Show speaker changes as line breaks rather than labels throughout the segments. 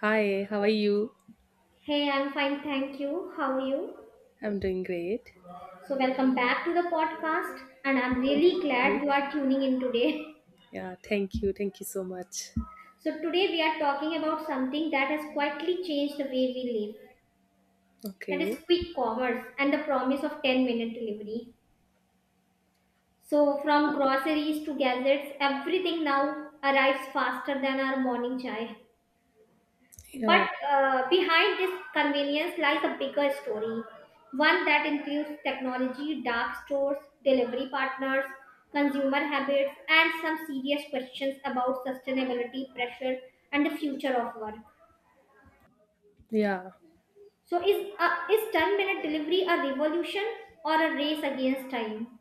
Hi, how are you?
Hey, I'm fine, thank you. How are you?
I'm doing great.
So, welcome back to the podcast, and I'm really
Mhm.
glad you are tuning in today.
Yeah, thank you. Thank you so much.
So, today we are talking about something that has quietly changed the way we live, that
Okay.
is, quick commerce and the promise of 10-minute delivery. So, from groceries to gadgets, everything now arrives faster than our morning chai. But
Yeah,
Behind this convenience lies a bigger story, one that includes technology, dark stores, delivery partners, consumer habits, and some serious questions about sustainability, pressure, and the future of work.
yeah,
So, is 10-minute delivery a revolution or a race against time?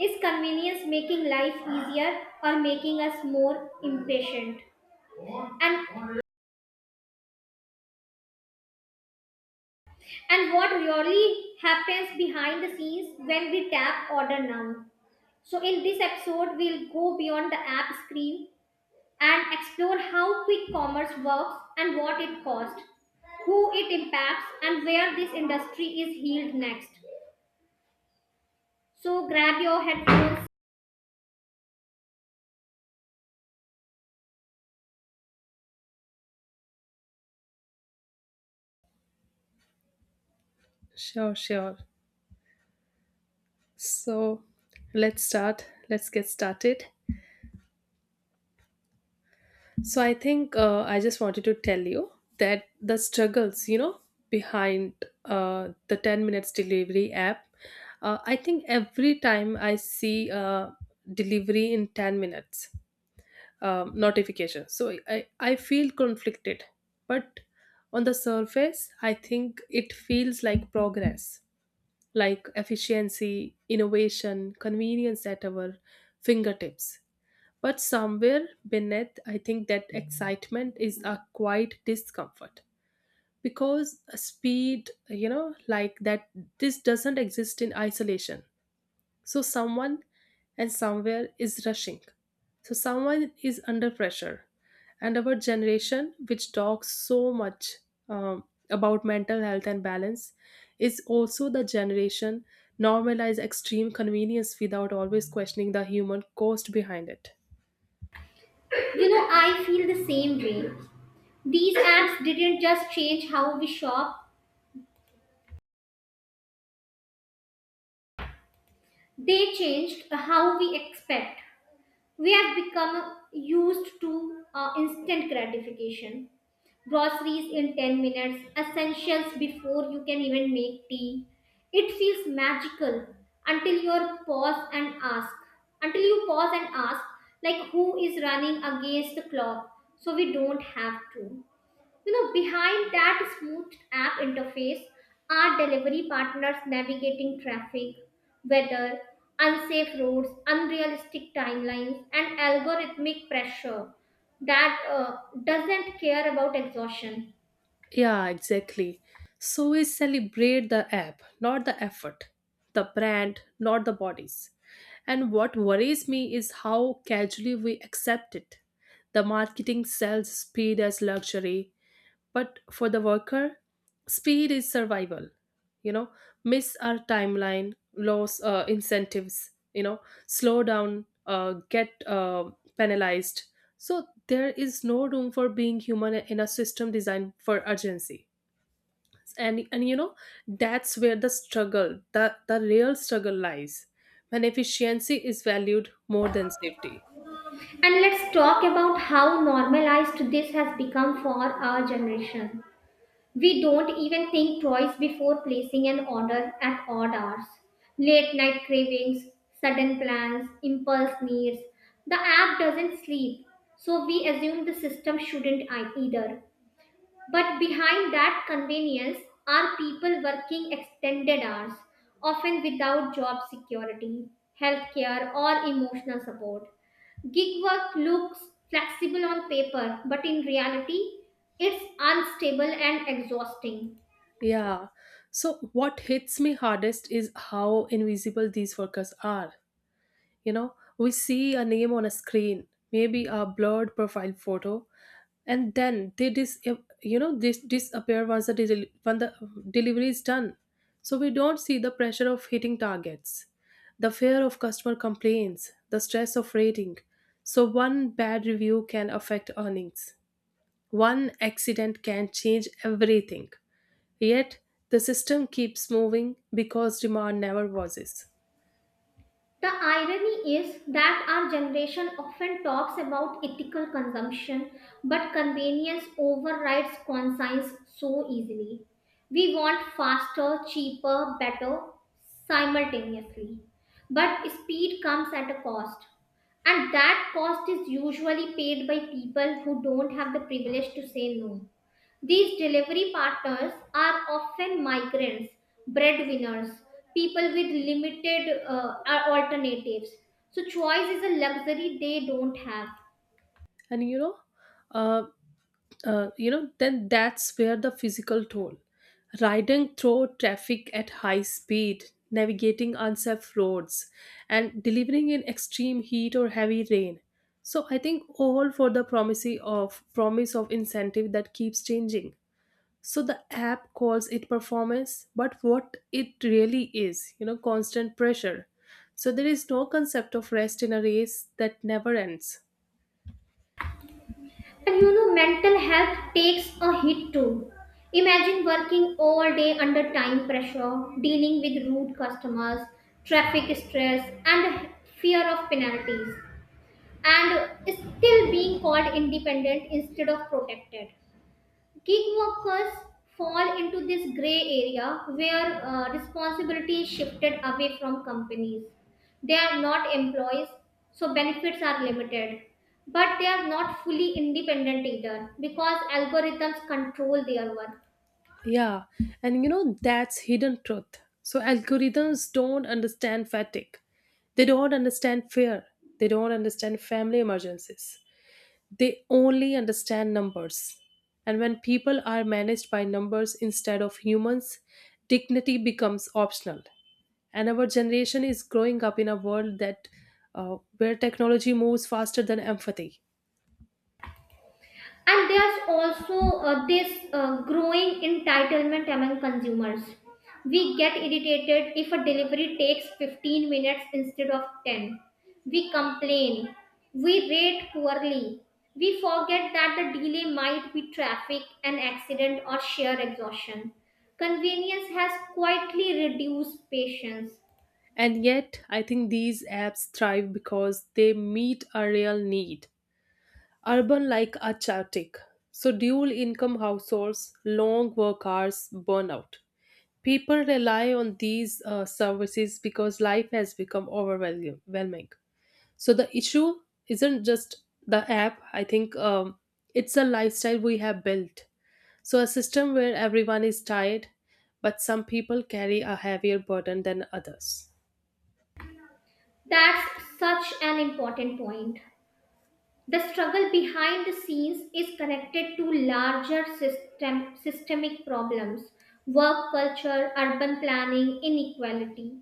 Is convenience making life easier or making us more impatient? And And what really happens behind the scenes when we tap order now? So, in this episode, we'll go beyond the app screen and explore how quick commerce works and what it costs, who it impacts, and where this industry is healed next. So, grab your headphones.
sure, sure. So let's start. Let's get started. So I think I just wanted to tell you that the struggles, behind the 10 minutes delivery app. I think every time I see delivery in 10 minutes, notifications. So I feel conflicted, but on the surface, I think it feels like progress, like efficiency, innovation, convenience at our fingertips. But somewhere beneath, I think that excitement is a quiet discomfort because speed, this doesn't exist in isolation. So someone and somewhere is rushing. So someone is under pressure. And our generation, which talks so much um, about mental health and balance, is also the generation normalize extreme convenience without always questioning the human cost behind it.
You know, I feel the same way. These apps didn't just change how we shop, they changed how we expect. We have become used to instant gratification. Groceries in 10 minutes, essentials before you can even make tea. It feels magical until you pause and ask. Until you pause and ask, like who is running against the clock, so we don't have to. You know, behind that smooth app interface are delivery partners navigating traffic, weather, unsafe roads, unrealistic timelines, and algorithmic pressure that doesn't care about exhaustion.
Yeah, exactly. So we celebrate the app, not the effort, the brand, not the bodies. And what worries me is how casually we accept it. The marketing sells speed as luxury, but for the worker, speed is survival. You know, miss our timeline, lose incentives, you know, slow down, get penalized. So there is no room for being human in a system designed for urgency. And you know, that's where the struggle, the real struggle lies when efficiency is valued more than safety.
And let's talk about how normalized this has become for our generation. We don't even think twice before placing an order at odd hours. Late night cravings, sudden plans, impulse needs. The app doesn't sleep, so we assume the system shouldn't either. But behind that convenience are people working extended hours, often without job security, healthcare, or emotional support. Gig work looks flexible on paper, but in reality, it's unstable and exhausting.
Yeah. So what hits me hardest is how invisible these workers are. You know, we see a name on a screen, maybe a blurred profile photo, and then they dis you know this disappear once when the delivery is done. So we don't see the pressure of hitting targets, the fear of customer complaints, the stress of rating. So one bad review can affect earnings. One accident can change everything. Yet the system keeps moving because demand never pauses.
The irony is that our generation often talks about ethical consumption, but convenience overrides conscience so easily. We want faster, cheaper, better, simultaneously. But speed comes at a cost, and that cost is usually paid by people who don't have the privilege to say no. These delivery partners are often migrants, breadwinners, people with limited alternatives. So, choice is a luxury they don't have.
And uh, you know, then that's where the physical toll. Riding through traffic at high speed, navigating unsafe roads, and delivering in extreme heat or heavy rain. So I think all for the promise of incentive that keeps changing. So the app calls it performance, but what it really is, you know, constant pressure. So there is no concept of rest in a race that never ends.
And you know, mental health takes a hit too. Imagine working all day under time pressure, dealing with rude customers, traffic stress, and fear of penalties, and still being called independent instead of protected. Gig workers fall into this gray area where responsibility is shifted away from companies. They are not employees, so benefits are limited. But they are not fully independent either because algorithms control their work.
Yeah, and you know, that's hidden truth. So algorithms don't understand fatigue. They don't understand fear. They don't understand family emergencies. They only understand numbers. And when people are managed by numbers instead of humans, dignity becomes optional. And our generation is growing up in a world that where technology moves faster than empathy.
And there's also this growing entitlement among consumers. We get irritated if a delivery takes 15 minutes instead of 10. We complain. We rate poorly. We forget that the delay might be traffic, an accident, or sheer exhaustion. Convenience has quietly reduced patience.
And yet, I think these apps thrive because they meet a real need. Urban like are chaotic. So dual income households, long work hours, burnout. People rely on these services because life has become overwhelming. So the issue isn't just the app. I think it's a lifestyle we have built. So a system where everyone is tired, but some people carry a heavier burden than others.
That's such an important point. The struggle behind the scenes is connected to larger systemic problems, work culture, urban planning, inequality.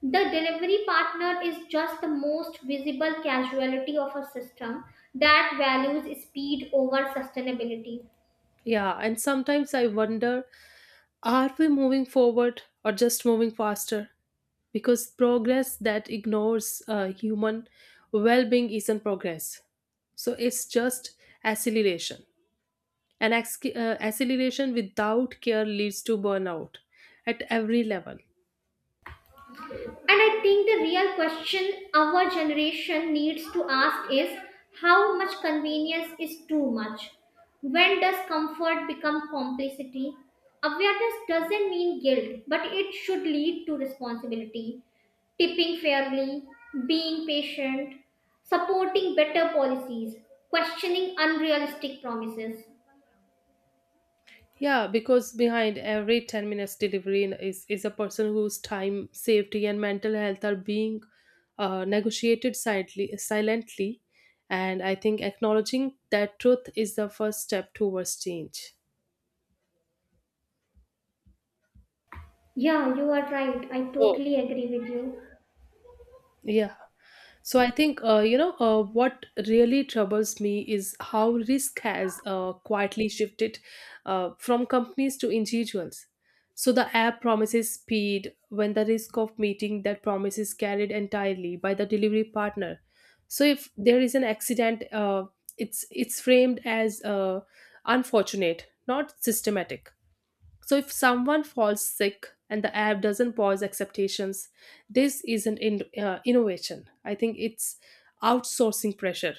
The delivery partner is just the most visible casualty of a system that values speed over sustainability.
Yeah, and sometimes I wonder, are we moving forward or just moving faster? Because progress that ignores human well being isn't progress. So it's just acceleration. And acceleration without care leads to burnout at every level.
And I think the real question our generation needs to ask is, how much convenience is too much? When does comfort become complicity? Awareness doesn't mean guilt, but it should lead to responsibility. Tipping fairly, being patient, supporting better policies, questioning unrealistic promises.
Yeah, because behind every 10 minutes delivery is a person whose time, safety, and mental health are being negotiated silently. And I think acknowledging that truth is the first step towards change.
Yeah, you are right. I
So,
totally agree with you.
yeah. So I think what really troubles me is how risk has quietly shifted from companies to individuals. So the app promises speed when the risk of meeting that promise is carried entirely by the delivery partner. So if there is an accident, it's framed as unfortunate, not systematic. So if someone falls sick and the app doesn't pause acceptations, this isn't innovation. I think it's outsourcing pressure.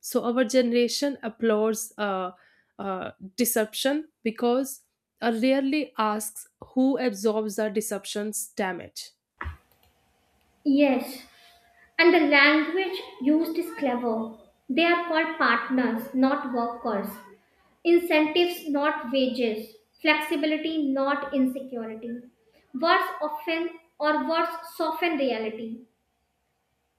So our generation applauds deception because rarely asks who absorbs the deception's damage.
Yes. And the language used is clever. They are called partners, not workers. Incentives, not wages. Flexibility, not insecurity. Words often or words soften reality.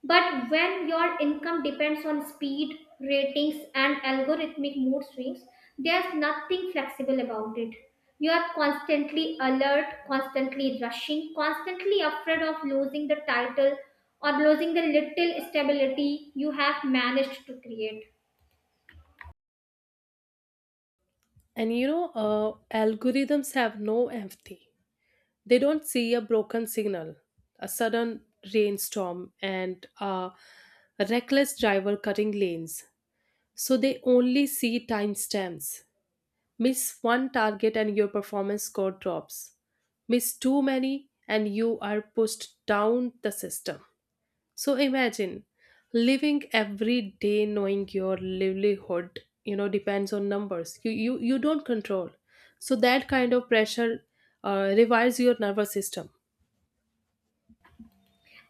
But when your income depends on speed, ratings, and algorithmic mood swings, there's nothing flexible about it. You are constantly alert, constantly rushing, constantly afraid of losing the title or losing the little stability you have managed to create.
And you know, algorithms have no empathy. They don't see a broken signal, a sudden rainstorm, and a reckless driver cutting lanes. So they only see timestamps. Miss one target and your performance score drops. Miss too many and you are pushed down the system. So imagine living every day knowing your livelihood, you know, depends on numbers. You don't control. So that kind of pressure rewires your nervous system.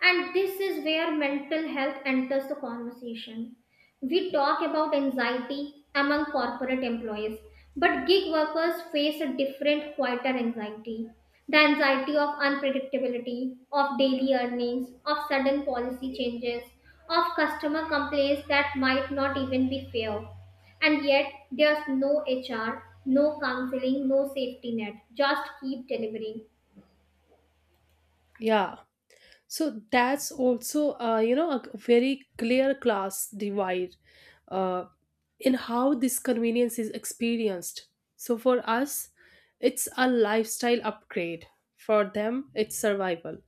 And this is where mental health enters the conversation. We talk about anxiety among corporate employees, but gig workers face a different, quieter anxiety. The anxiety of unpredictability, of daily earnings, of sudden policy changes, of customer complaints that might not even be fair. And yet, there's no HR, no counseling, no safety net. Just keep delivering.
Yeah, so that's also, you know, a very clear class divide uh, in how this convenience is experienced. So for us, it's a lifestyle upgrade. For them, it's survival.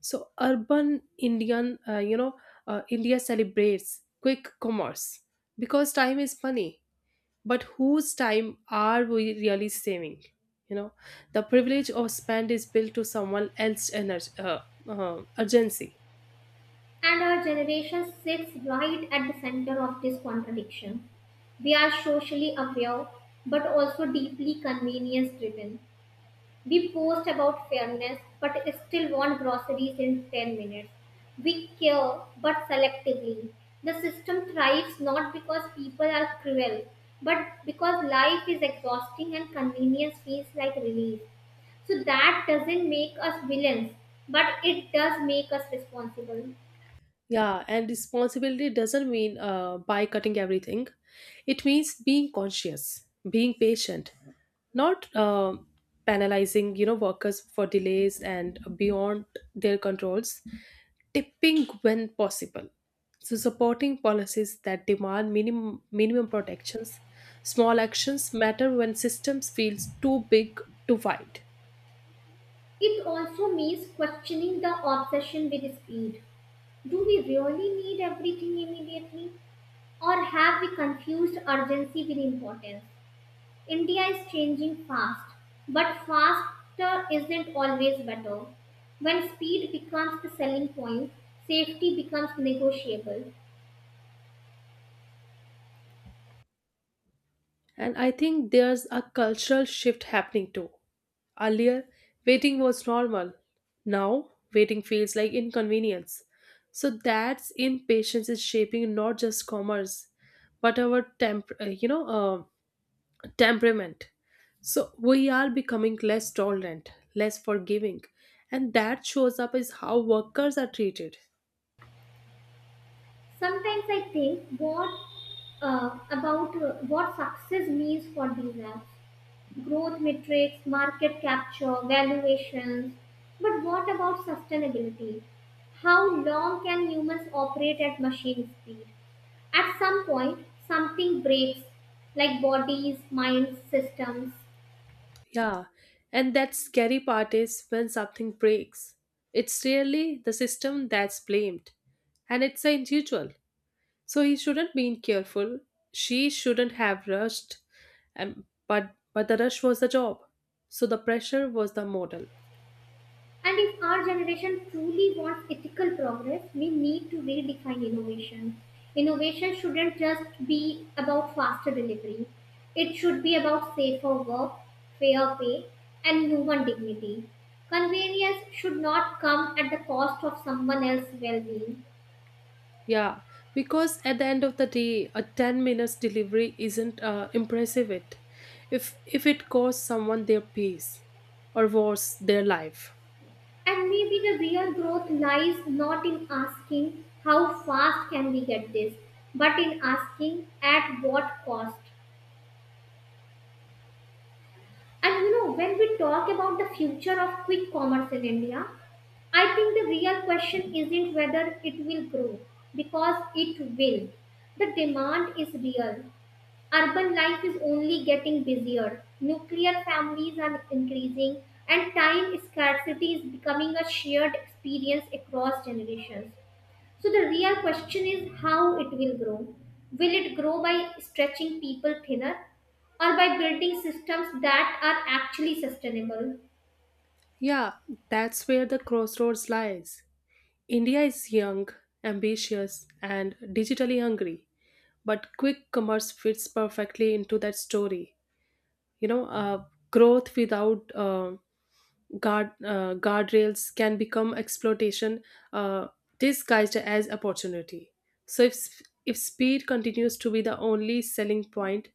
So urban Indian, you know, India celebrates quick commerce because time is money. But whose time are we really saving? You know, the privilege of spend is built to someone else's urgency.
And our generation sits right at the center of this contradiction. We are socially aware but also deeply convenience driven. We post about fairness but still want groceries in 10 minutes. We care but selectively. The system thrives not because people are cruel but because life is exhausting and convenience feels like relief. So that doesn't make us villains, but it does make us responsible.
Yeah, and responsibility doesn't mean by cutting everything. It means being conscious, being patient, not penalizing, you know, workers for delays and beyond their controls, tipping when possible. So supporting policies that demand minimum protections. Small actions matter when systems feels too big to fight.
It also means questioning the obsession with speed. Do we really need everything immediately? Or have we confused urgency with importance? India is changing fast, but faster isn't always better. When speed becomes the selling point, safety becomes negotiable.
And I think there's a cultural shift happening too. Earlier, waiting was normal. Now, waiting feels like inconvenience. So that's impatience is shaping not just commerce, but our temperament. So we are becoming less tolerant, less forgiving, and that shows up as how workers are treated.
Sometimes I think what about what success means for these apps. Growth metrics, market capture, valuations. But what about sustainability? How long can humans operate at machine speed? At some point, something breaks, like bodies, minds, systems.
Yeah, and that scary part is when something breaks. It's really the system that's blamed, and it's the individual. So he shouldn't been careful. She shouldn't have rushed, and but the rush was the job. So the pressure was the model.
And if our generation truly wants ethical progress, we need to redefine innovation. Innovation shouldn't just be about faster delivery, it should be about safer work, fair pay, and human dignity. Convenience should not come at the cost of someone else's well being.
Yeah, because at the end of the day, a 10 minutes delivery isn't impressive. If it costs someone their peace, or worse, their life.
And maybe the real growth lies not in asking how fast can we get this, but in asking at what cost. And you know, when we talk about the future of quick commerce in India, I think the real question isn't whether it will grow, because it will. The demand is real. Urban life is only getting busier, nuclear families are increasing, and time scarcity is becoming a shared experience across generations. So the real question is how it will grow. Will it grow by stretching people thinner or by building systems that are actually sustainable?
Yeah, that's where the crossroads lies. India is young, ambitious, and digitally hungry, but quick commerce fits perfectly into that story. You know, growth without guardrails can become exploitation uh, disguised as opportunity. So if speed continues to be the only selling point,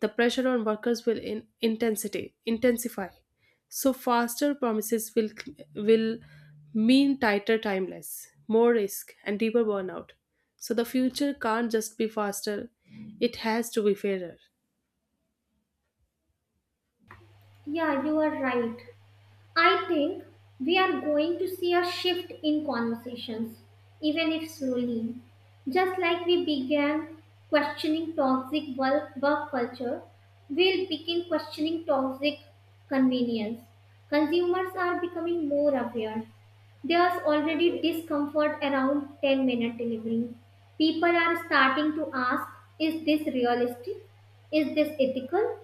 the pressure on workers will in intensity intensify. So faster promises will mean tighter timeless, more risk, and deeper burnout. So the future can't just be faster, it has to be fairer.
Yeah, you are right. I think we are going to see a shift in conversations, even if slowly. Just like we began questioning toxic work culture, we'll begin questioning toxic convenience. Consumers are becoming more aware. There's already discomfort around 10-minute delivery. People are starting to ask, is this realistic? Is this ethical?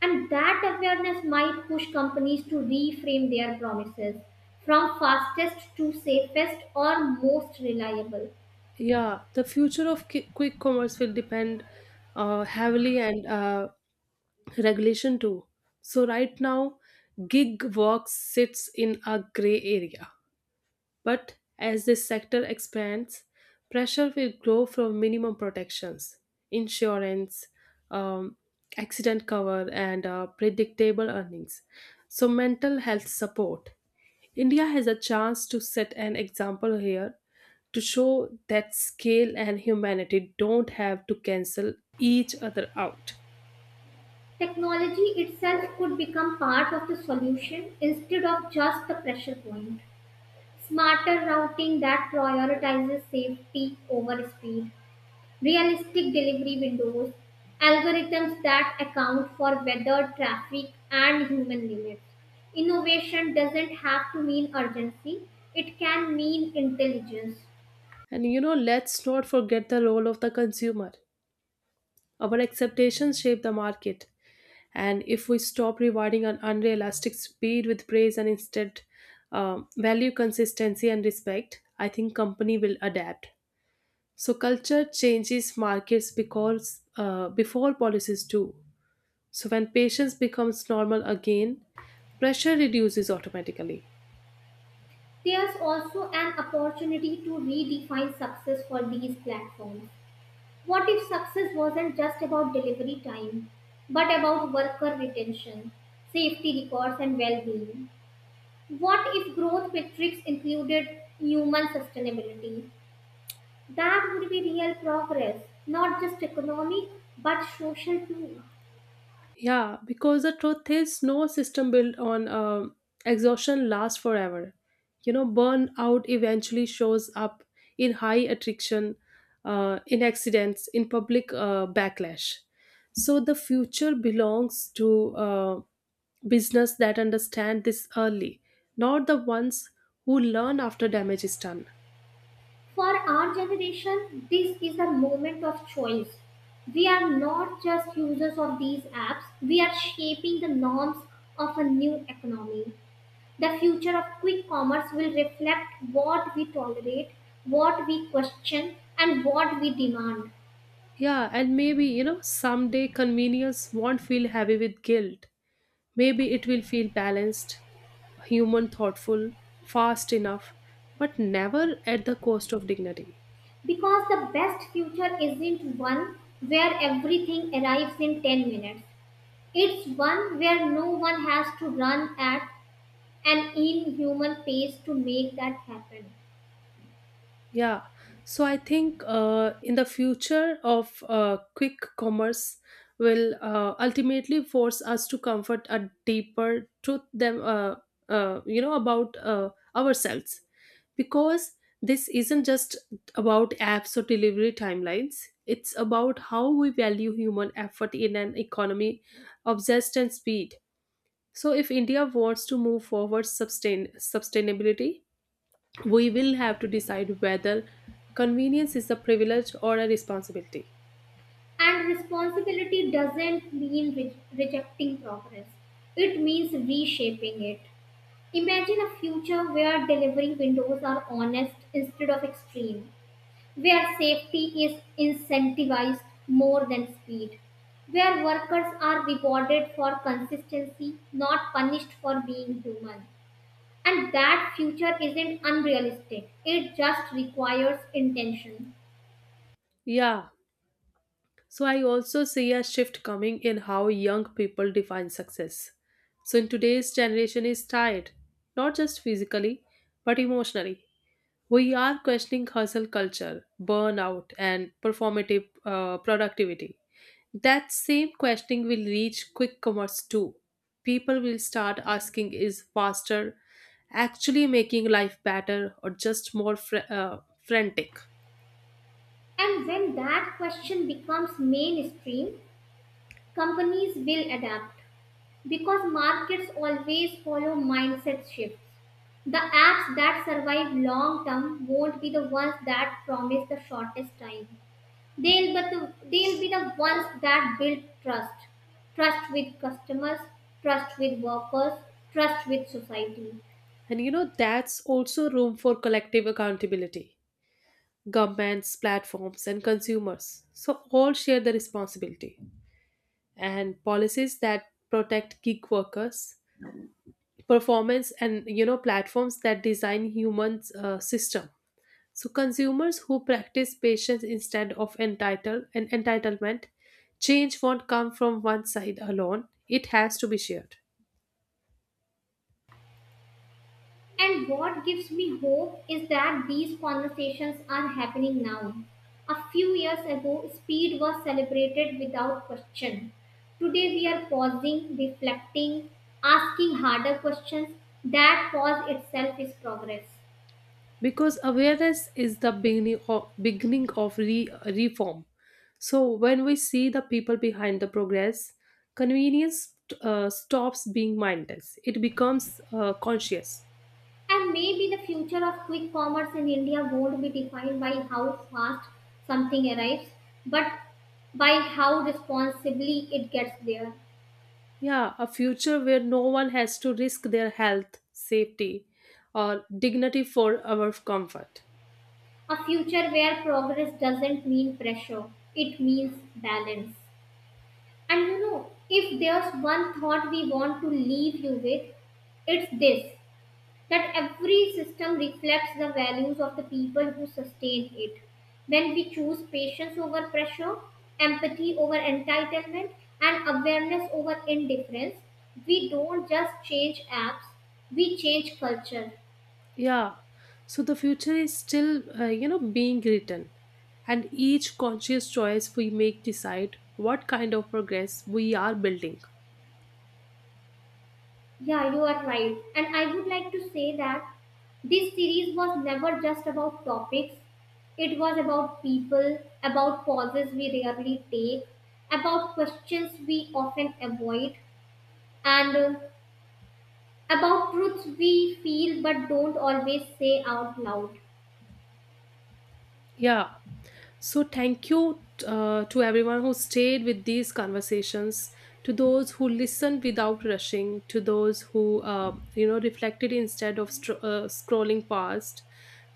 And that awareness might push companies to reframe their promises from fastest to safest or most reliable.
Yeah, the future of quick commerce will depend heavily and regulation too. So right now, gig work sits in a gray area. But as this sector expands, pressure will grow from minimum protections, insurance, um, accident cover, and predictable earnings. So mental health support. India has a chance to set an example here to show that scale and humanity don't have to cancel each other out.
Technology itself could become part of the solution instead of just the pressure point. Smarter routing that prioritizes safety over speed, realistic delivery windows, algorithms that account for weather, traffic, and human limits. Innovation doesn't have to mean urgency, it can mean intelligence.
And you know, let's not forget the role of the consumer. Our expectations shape the market. And if we stop rewarding an unrealistic speed with praise and instead value consistency and respect, I think company will adapt. So culture changes markets because before policies do. So when patience becomes normal again, pressure reduces automatically.
There's also an opportunity to redefine success for these platforms. What if success wasn't just about delivery time, but about worker retention, safety records, and well being? What if growth metrics included human sustainability? That would be real progress, not just economic, but social too.
Yeah, because the truth is, no system built on exhaustion lasts forever. You know, burnout eventually shows up in high attrition, in accidents, in public backlash. So the future belongs to business that understand this early, not the ones who learn after damage is done.
For our generation, this is a moment of choice. We are not just users of these apps, we are shaping the norms of a new economy. The future of quick commerce will reflect what we tolerate, what we question, and what we demand.
Yeah, and maybe, you know, someday convenience won't feel heavy with guilt. Maybe it will feel balanced, human, thoughtful, fast enough, but never at the cost of dignity.
Because the best future isn't one where everything arrives in 10 minutes. It's one where no one has to run at an inhuman pace to make that happen.
Yeah, so I think in the future of quick commerce will ultimately force us to comfort a deeper truth them you know about ourselves, because this isn't just about apps or delivery timelines. It's about how we value human effort in an economy obsessed and speed. So if India wants to move forward sustainability, we will have to decide whether convenience is a privilege or a responsibility.
And responsibility doesn't mean rejecting progress, it means reshaping it. Imagine a future where delivery windows are honest instead of extreme, where safety is incentivized more than speed, where workers are rewarded for consistency, not punished for being human. And that future isn't unrealistic, it just requires intention.
Yeah, so I also see a shift coming in how young people define success. So in today's generation, is tired, not just physically, but emotionally. We are questioning hustle culture, burnout, and performative productivity. That same questioning will reach quick commerce too. People will start asking is faster actually making life better or just more frantic?
And when that question becomes mainstream, companies will adapt because markets always follow mindset shifts. The apps that survive long term won't be the ones that promise the shortest time. They'll be the ones that build trust, trust with customers, trust with workers, trust with society.
And you know, that's also room for collective accountability. Governments, platforms, and consumers. So, all share the responsibility. And policies that protect gig workers, performance, and you know, platforms that design humans' system. So consumers who practice patience instead of entitlement, change won't come from one side alone. It has to be shared.
And what gives me hope is that these conversations are happening now. A few years ago, speed was celebrated without question. Today, we are pausing, reflecting, asking harder questions. That pause itself is progress.
Because awareness is the beginning of reform. So when we see the people behind the progress, convenience stops being mindless. It becomes conscious.
And maybe the future of quick commerce in India won't be defined by how fast something arrives, but by how responsibly it gets there.
Yeah, a future where no one has to risk their health, safety, or dignity for our comfort.
A future where progress doesn't mean pressure, it means balance. And you know, if there's one thought we want to leave you with, it's this: that every system reflects the values of the people who sustain it. When we choose patience over pressure, empathy over entitlement, and awareness over indifference, we don't just change apps, we change culture.
Yeah. So the future is still, you know, being written, and each conscious choice we make decide what kind of progress we are building.
Yeah, you are right. And I would like to say that this series was never just about topics, it was about people, about pauses we rarely take, about questions we often avoid, and about truths we feel but don't always say out loud.
Yeah. So thank you to everyone who stayed with these conversations, to those who listened without rushing, to those who you know reflected instead of scrolling past,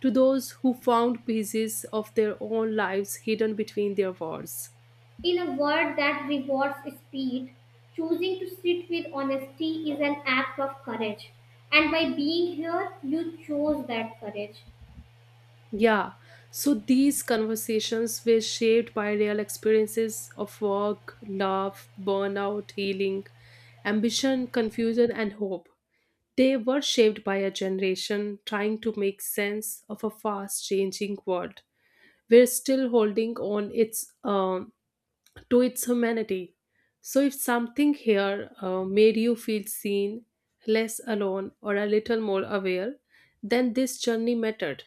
to those who found pieces of their own lives hidden between their words.
In a world that rewards speed, choosing to sit with honesty is an act of courage. And by being here, you chose that courage.
Yeah, so these conversations were shaped by real experiences of work, love, burnout, healing, ambition, confusion, and hope. They were shaped by a generation trying to make sense of a fast changing world. We're still holding on its to its humanity. So if something here made you feel seen, less alone, or a little more aware, then this journey mattered.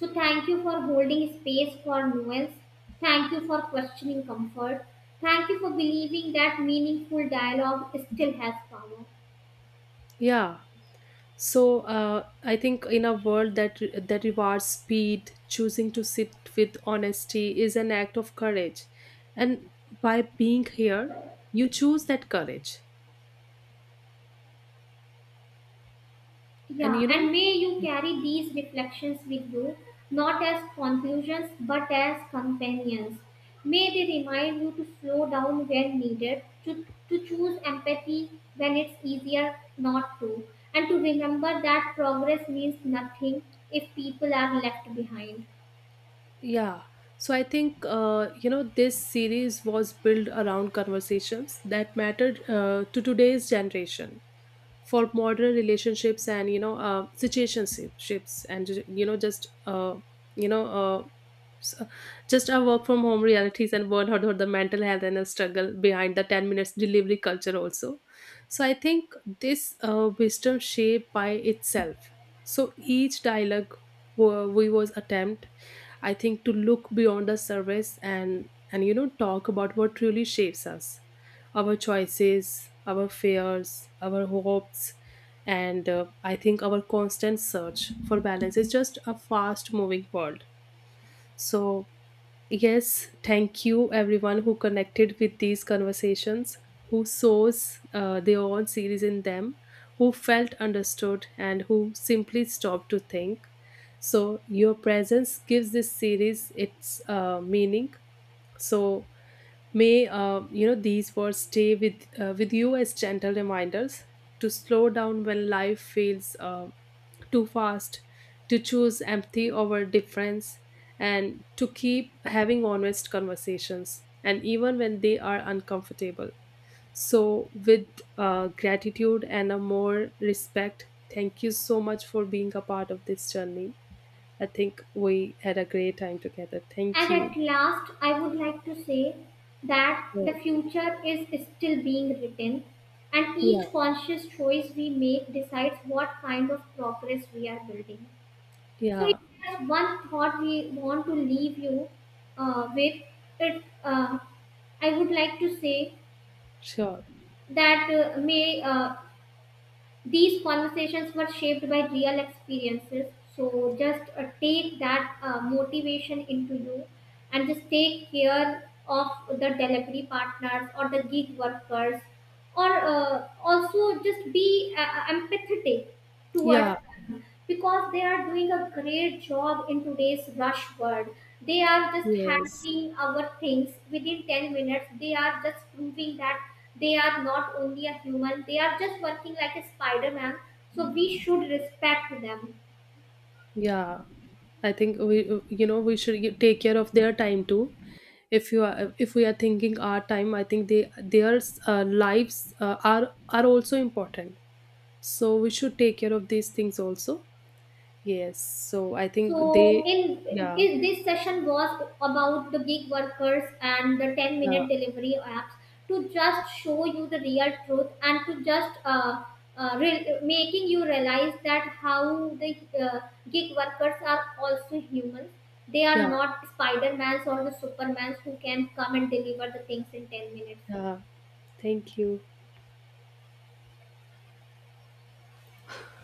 So thank you for holding space for nuance. Thank you for questioning comfort. Thank you for believing that meaningful dialogue still has power.
Yeah. So I think in a world that that rewards speed, choosing to sit with honesty is an act of courage. And by being here, you choose that courage. And
Yeah,
you know,
and may you carry these reflections with you, not as conclusions but as companions. May they remind you to slow down when needed, to choose empathy when it's easier not to, and to remember that progress means nothing if people are left behind.
yeah. So I think this series was built around conversations that mattered to today's generation for modern relationships and situationships and you know just you know so just our work from home realities and burnout or the mental health and the struggle behind the 10 minutes delivery culture also. So I think this wisdom shape by itself. So each dialogue wa- we was attempt, I think, to look beyond the surface and you know talk about what truly shapes us, our choices, our fears, our hopes, and I think our constant search for balance is just a fast moving world. So yes, thank you everyone who connected with these conversations, who saws their own series in them, who felt understood, and who simply stopped to think. So your presence gives this series its meaning. So may these words stay with you as gentle reminders to slow down when life feels too fast, to choose empathy over difference, and to keep having honest conversations, and even when they are uncomfortable. So, with gratitude and a more respect, thank you so much for being a part of this journey. I think we had a great time together. Thank
And at
you.
last, I would like to say that
Yeah,
the future is still being written, and
yeah,
each conscious choice we make decides what kind of progress we are building. So, if
yeah,
there's one thought we want to leave you with, it, uh, I would like to say
sure.
that may these conversations were shaped by real experiences. So just take that motivation into you and just take care of the delivery partners or the gig workers or also just be empathetic towards,
Yeah,
because they are doing a great job in today's rush world. They are just
yes.
handling our things within 10 minutes. They are just proving that they are not only a human, they are just working like a Spider Man. So we should respect them.
Yeah. I think we you know we should take care of their time too. If we are thinking our time, I think they their lives are also important. So we should take care of these things also. Yes. So I think they
So, in,
yeah,
in this session was about the gig workers and the 10
yeah,
minute delivery apps, to just show you the real truth and to just making you realize that how the gig workers are also humans. They are
yeah,
not Spider-Mans or the Supermans who can come and deliver the things in 10 minutes.
yeah. Thank you.